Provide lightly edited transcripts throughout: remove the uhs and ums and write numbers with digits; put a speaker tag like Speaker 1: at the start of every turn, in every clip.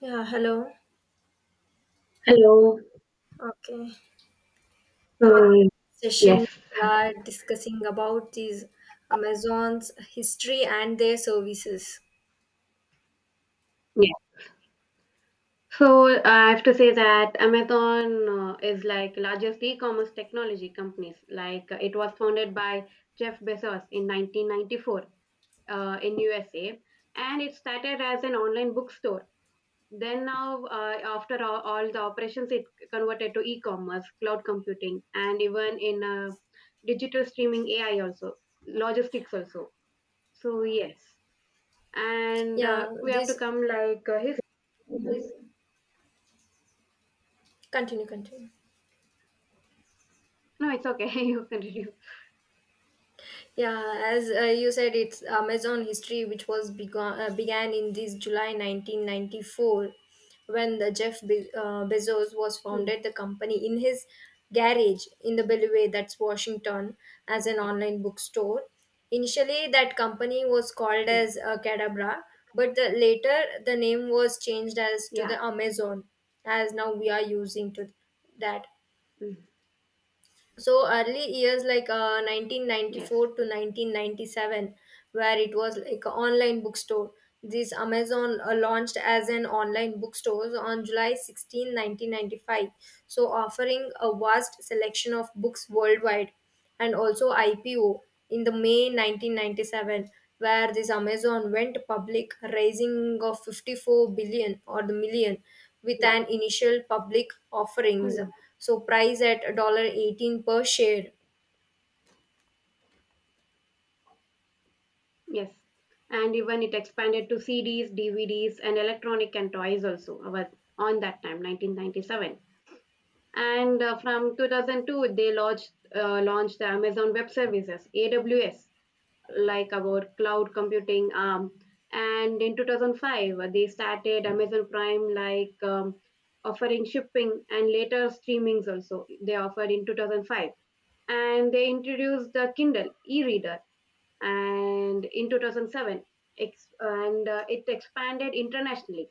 Speaker 1: Yeah, hello.
Speaker 2: Hello.
Speaker 1: Okay. Today
Speaker 2: Um,
Speaker 1: session
Speaker 2: yes.
Speaker 1: we are discussing about these Amazon's history and their services.
Speaker 2: Yeah. So I have to say that Amazon is like largest e-commerce technology companies. It was founded by Jeff Bezos in 1994 in USA, and it started as an online bookstore. Then now, after all the operations, it converted to e-commerce, cloud computing, and even in digital streaming AI also, logistics also. So yes. and
Speaker 1: Yeah,
Speaker 2: we have to
Speaker 1: this
Speaker 2: come his his-
Speaker 1: continue.
Speaker 2: no, it's okay. You continue.
Speaker 1: Yeah, as you said, it's Amazon history, which was begun began in this July 1994, when the Bezos was
Speaker 2: Hmm.
Speaker 1: founded the company in his garage in the Bellevue, that's Washington, as an
Speaker 2: Yeah.
Speaker 1: online bookstore. Initially, that company was called
Speaker 2: Yes.
Speaker 1: as Cadabra, but the, later the name was changed as to
Speaker 2: Yeah.
Speaker 1: the Amazon, as now we are using to that.
Speaker 2: Hmm.
Speaker 1: So early years like
Speaker 2: Yes.
Speaker 1: 1994 to 1997, where it was like an online bookstore. This Amazon launched as an online bookstore on july 16 1995, so offering a vast selection of books worldwide, and also IPO in the May 1997, where this Amazon went public, raising of 54 billion or the million with
Speaker 2: Yeah.
Speaker 1: an initial public offerings.
Speaker 2: Hmm.
Speaker 1: So price at 18 per share.
Speaker 2: Yes. And even it expanded to cds dvds and electronic and toys also, I was on that time 1997, and from 2002 they launched the amazon web services aws, like our cloud computing arm, and in 2005 they started amazon prime, offering shipping and later streamings also they offered in 2005, and they introduced the kindle e-reader and in 2007 ex- and it expanded internationally.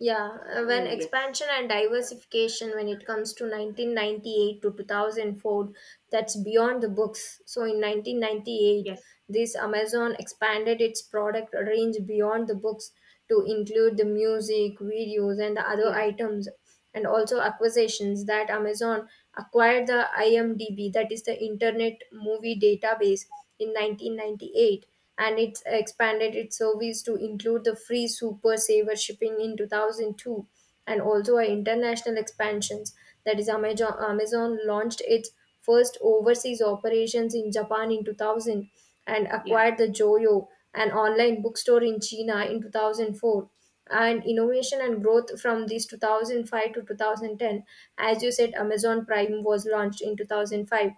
Speaker 1: Yeah,
Speaker 2: So
Speaker 1: when
Speaker 2: yes.
Speaker 1: expansion and diversification, when it comes to 1998 to 2004, that's beyond the books. So in 1998,
Speaker 2: Yes.
Speaker 1: this Amazon expanded its product range beyond the books to include the music, videos, and the other
Speaker 2: Yeah.
Speaker 1: items, and also acquisitions that Amazon acquired the IMDb, that is the Internet Movie Database, in 1998, and it expanded its service to include the free Super Saver shipping in 2002, and also a international expansions. That is, Amazon launched its first overseas operations in Japan in 2000 and
Speaker 2: Yeah.
Speaker 1: acquired the Joyo, an online bookstore in China in 2004, and innovation and growth from these 2005 to 2010. As you said, amazon prime was launched in 2005,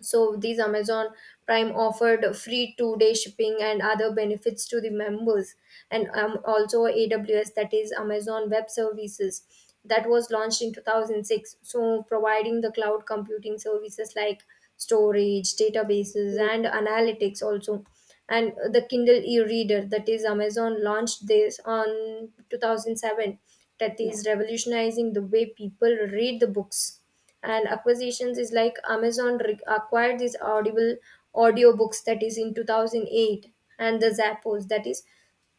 Speaker 1: so these Amazon Prime offered free two-day shipping and other benefits to the members, and also AWS, that is Amazon Web Services, that was launched in 2006. So providing the cloud computing services like storage, databases,
Speaker 2: Mm.
Speaker 1: and analytics also. And the Kindle e-reader, that is Amazon launched this on 2007, that
Speaker 2: Yeah.
Speaker 1: is revolutionizing the way people read the books, and acquisitions is like amazon acquired this audible audiobooks, that is in 2008, and the zappos, that is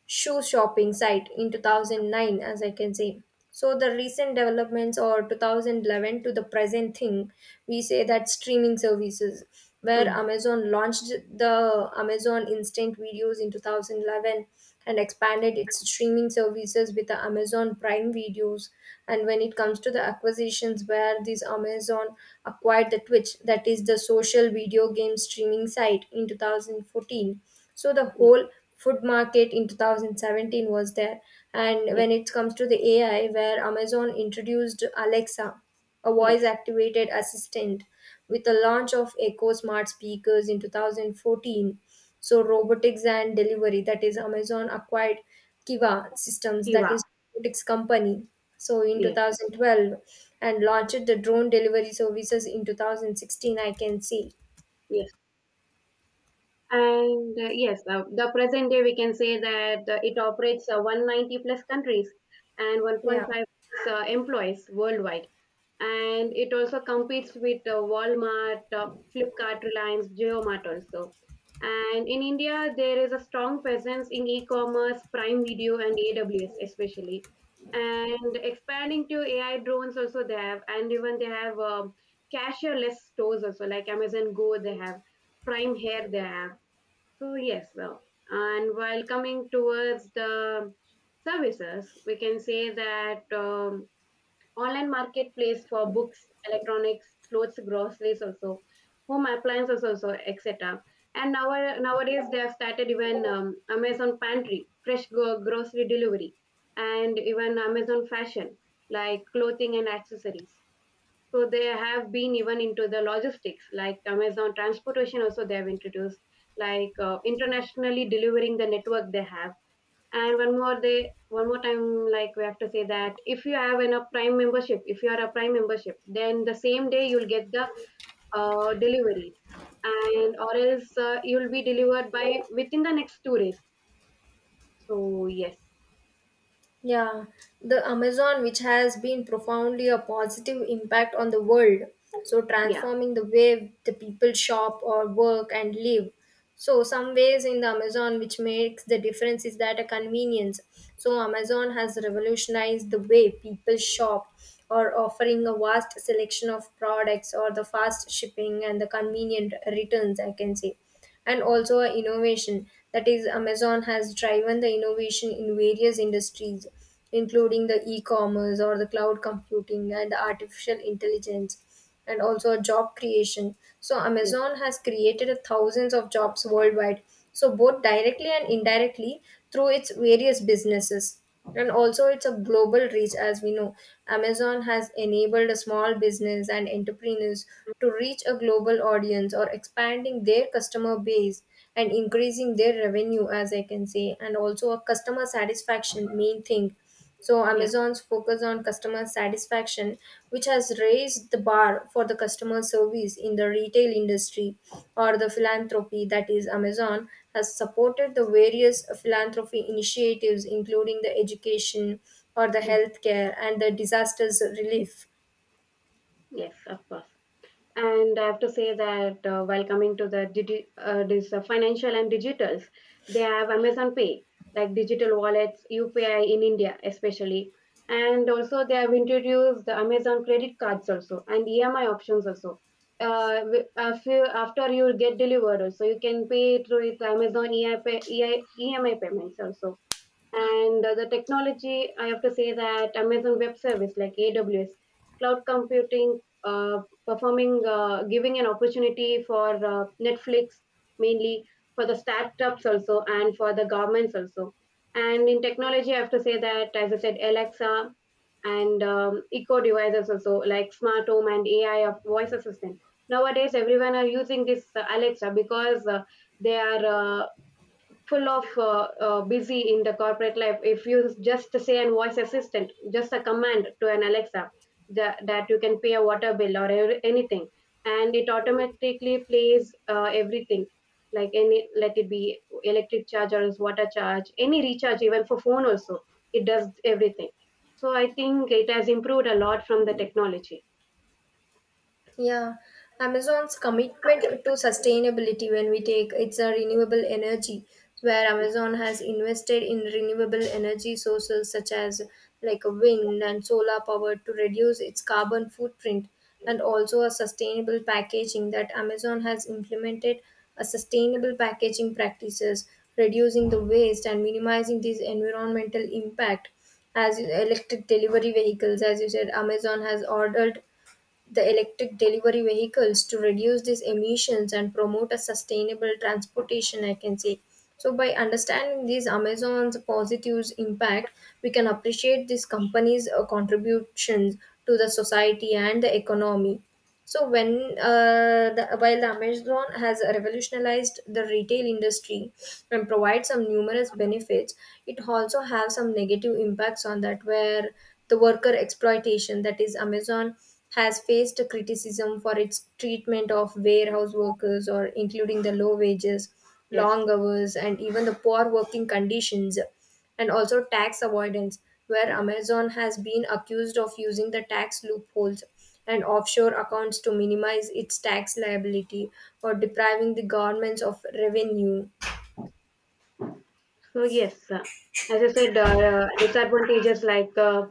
Speaker 1: shoe shopping site in 2009, as I can say. So the recent developments or 2011 to the present thing, we say that streaming services, where
Speaker 2: Mm.
Speaker 1: amazon launched the amazon instant videos in 2011 and expanded its streaming services with the amazon prime videos, and when it comes to the acquisitions, where this amazon acquired the twitch, that is the social video game streaming site in 2014, so the
Speaker 2: Mm.
Speaker 1: whole food market in 2017 was there. And
Speaker 2: Yes.
Speaker 1: when it comes to the AI, where Amazon introduced Alexa, a voice
Speaker 2: Yes.
Speaker 1: activated assistant, with the launch of Echo smart speakers in 2014. So robotics and delivery, that is Amazon acquired Kiva Systems,
Speaker 2: You
Speaker 1: that
Speaker 2: are.
Speaker 1: is robotics company. So in
Speaker 2: Yes.
Speaker 1: 2012, and launched the drone delivery services in 2016, I can see.
Speaker 2: Yes. And the present day we can say that it operates 190 plus countries and
Speaker 1: Yeah.
Speaker 2: 1.5 employees worldwide. And it also competes with Walmart, Flipkart, Reliance, JioMart also. And in India, there is a strong presence in e-commerce, Prime Video, and AWS especially. And expanding to AI drones also they have, and even they have cashierless stores also, like Amazon Go they have, Prime Hair they have. So yes, and while coming towards the services, we can say that online marketplace for books, electronics, clothes, groceries also, home appliances also, etc. And nowadays they have started even Amazon Pantry, fresh grocery delivery, and even Amazon Fashion, like clothing and accessories. So they have been even into the logistics, like Amazon transportation. Also, they have introduced internationally delivering the network they have. And one more time, like we have to say that if you have an, a Prime membership, if you are a Prime membership, then the same day you'll get the delivery, and or else you'll be delivered by within the next 2 days. So yes.
Speaker 1: Yeah, the Amazon, which has been profoundly a positive impact on the world, so
Speaker 2: Yeah.
Speaker 1: transforming the way the people shop or work and live, so some ways in the amazon which makes the difference is that a convenience, so amazon has revolutionized the way people shop or offering a vast selection of products or the fast shipping and the convenient returns, I can say. And also a innovation, that is amazon has driven the innovation in various industries, including the e-commerce or the cloud computing and the artificial intelligence, and also job creation. So
Speaker 2: Yes.
Speaker 1: Amazon has created thousands of jobs worldwide. So both directly and indirectly through its various businesses. And also it's a global reach, as we know. Amazon has enabled a small business and entrepreneurs to reach a global audience or expanding their customer base and increasing their revenue, as I can say, and also a customer satisfaction main thing. So,
Speaker 2: Yes.
Speaker 1: Amazon's focus on customer satisfaction, which has raised the bar for the customer service in the retail industry, or the philanthropy, that is Amazon, has supported the various philanthropy initiatives, including the education or the
Speaker 2: Mm.
Speaker 1: healthcare and the disasters relief.
Speaker 2: Yes, of course. And I have to say that while coming to the this financial and digitals, they have Amazon Pay, like digital wallets, UPI in India especially, and also they have introduced the Amazon credit cards also and EMI options also. If after you get delivered also, you can pay through it Amazon EMI payments also. And the technology, I have to say that Amazon Web Service like AWS, cloud computing, performing, giving an opportunity for Netflix mainly, for the startups also and for the governments also. And in technology, I have to say that as I said, Alexa and eco devices also, like smart home and AI of voice assistant. Nowadays, everyone are using this Alexa because they are full of busy in the corporate life. If you just say an voice assistant just a command to an alexa that you can pay a water bill or anything, and it automatically plays everything, like any, let it be electric charge or is water charge, any recharge, even for phone also, it does everything. So I think it has improved a lot from the technology.
Speaker 1: Yeah, Amazon's commitment to sustainability, when we take it's a renewable energy, where Amazon has invested in renewable energy sources such as like wind and solar power to reduce its carbon footprint, and also a sustainable packaging that Amazon has implemented a sustainable packaging practices, reducing the waste and minimizing this environmental impact, as in electric delivery vehicles, as you said Amazon has ordered the electric delivery vehicles to reduce these emissions and promote a sustainable transportation, I can say. So by understanding these amazon's positives impact, we can appreciate these companies contributions to the society and the economy. So when while the Amazon has revolutionized the retail industry and provides some numerous benefits, it also has some negative impacts on that, where the worker exploitation, that is Amazon has faced criticism for its treatment of warehouse workers, or including the low wages,
Speaker 2: Yes.
Speaker 1: long hours, and even the poor working conditions, and also tax avoidance, where Amazon has been accused of using the tax loopholes and offshore accounts to minimize its tax liability or depriving the governments of revenue.
Speaker 2: So yes, as I said, disadvantages like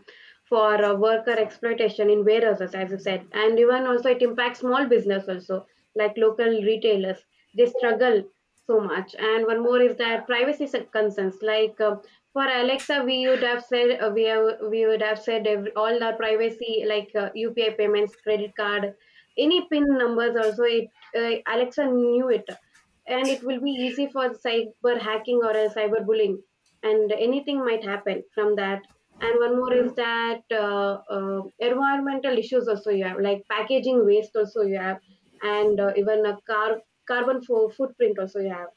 Speaker 2: for worker exploitation in warehouses, as I said, and even also it impacts small business also, like local retailers. They struggle so much. And one more is that concerns. Like for Alexa, we have, we would have said every, all the privacy, like UPI payments, credit card, any PIN numbers. Also, it Alexa knew it, and it will be easy for cyber hacking or a cyber bullying, and anything might happen from that. And one more is that environmental issues also you have, like packaging waste also you have, and even a car carbon footprint also you have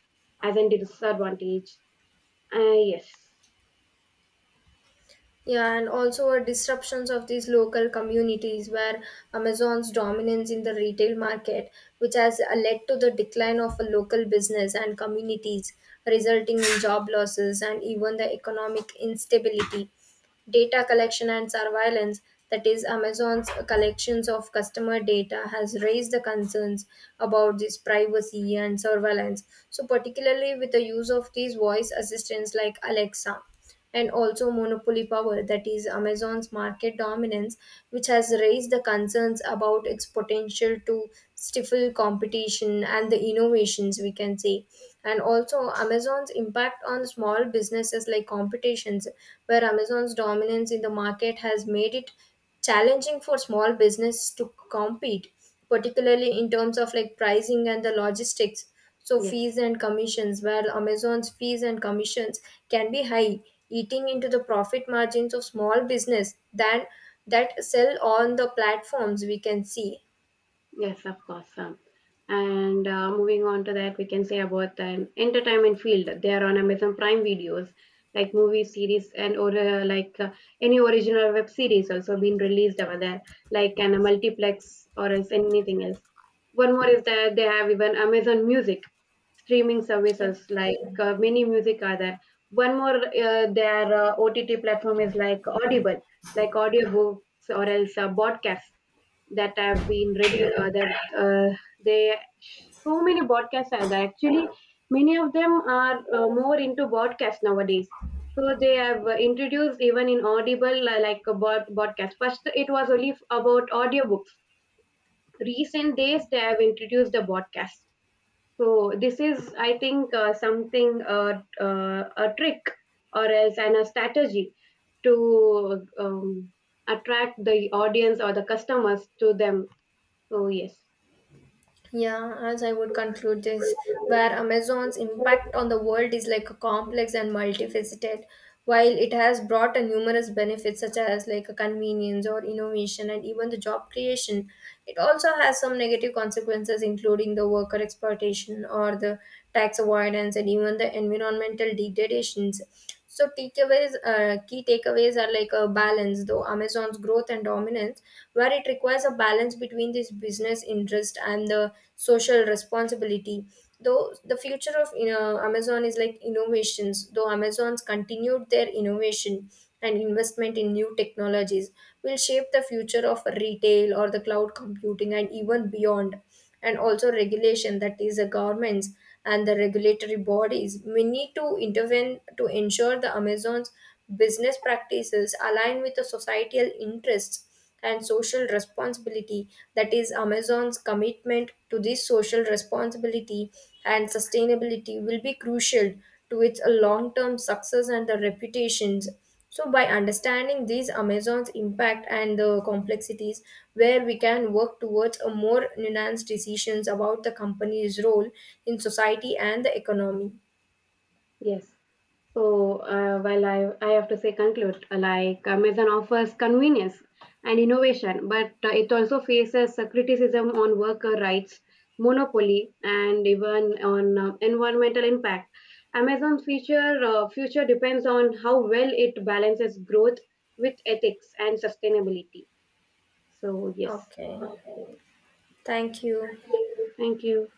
Speaker 2: as a disadvantage. Yes.
Speaker 1: Yeah, and also disruptions of these local communities, where Amazon's dominance in the retail market, which has led to the decline of a local business and communities, resulting in job losses and even the economic instability. Data collection and surveillance, that is, Amazon's collections of customer data, has raised the concerns about this privacy and surveillance. So, particularly with the use of these voice assistants like Alexa, and also monopoly power, that is, Amazon's market dominance, which has raised the concerns about its potential to stifle competition and the innovations, we can say. And also, Amazon's impact on small businesses like competitions, where Amazon's dominance in the market has made it challenging for small business to compete, particularly in terms of like pricing and the logistics. So,
Speaker 2: Yes.
Speaker 1: fees and commissions, where Amazon's fees and commissions can be high, eating into the profit margins of small business than that sell on the platforms, we can see.
Speaker 2: Yes, of course. And moving on to that, we can say about the entertainment field. They are on Amazon Prime videos, like movie series, and or any original web series also been released over there, like a multiplex or as anything else. One more is that they have even Amazon Music streaming
Speaker 1: Yeah.
Speaker 2: services, like many music are there. One more their OTT platform is like Audible, like audiobooks, or else podcasts, that have been ready that they so many broadcasts are there. Actually, many of them are more into broadcast nowadays. So they have introduced even in Audible like a broadcast. First, it was only about audiobooks. Recent days, they have introduced the broadcast. So this is, I think, something, a trick or else and a strategy to attract the audience or the customers to them. So yes.
Speaker 1: Yeah, as I would conclude this, where Amazon's impact on the world is like a complex and multifaceted, while it has brought a numerous benefits such as like a convenience or innovation and even the job creation, it also has some negative consequences including the worker exploitation or the tax avoidance and even the environmental degradations. So takeaways, key takeaways are like a balance, though Amazon's growth and dominance, where it requires a balance between this business interest and the social responsibility. Though the future of you know, Amazon is like innovations, though Amazon's continued their innovation and investment in new technologies will shape the future of retail or the cloud computing and even beyond, and also regulation, that is the governments and the regulatory bodies we need to intervene to ensure the amazon's business practices align with the societal interests and social responsibility, that is amazon's commitment to this social responsibility and sustainability will be crucial to its long term success and the reputations. So, by understanding these Amazon's impact and the complexities, where we can work towards a more nuanced decisions about the company's role in society and the economy.
Speaker 2: Yes. So while I have to say conclude, like Amazon offers convenience and innovation, but it also faces criticism on worker rights, monopoly, and even on environmental impact. Amazon's future depends on how well it balances growth with ethics and sustainability. So yes,
Speaker 1: Okay, thank you.
Speaker 2: thank you.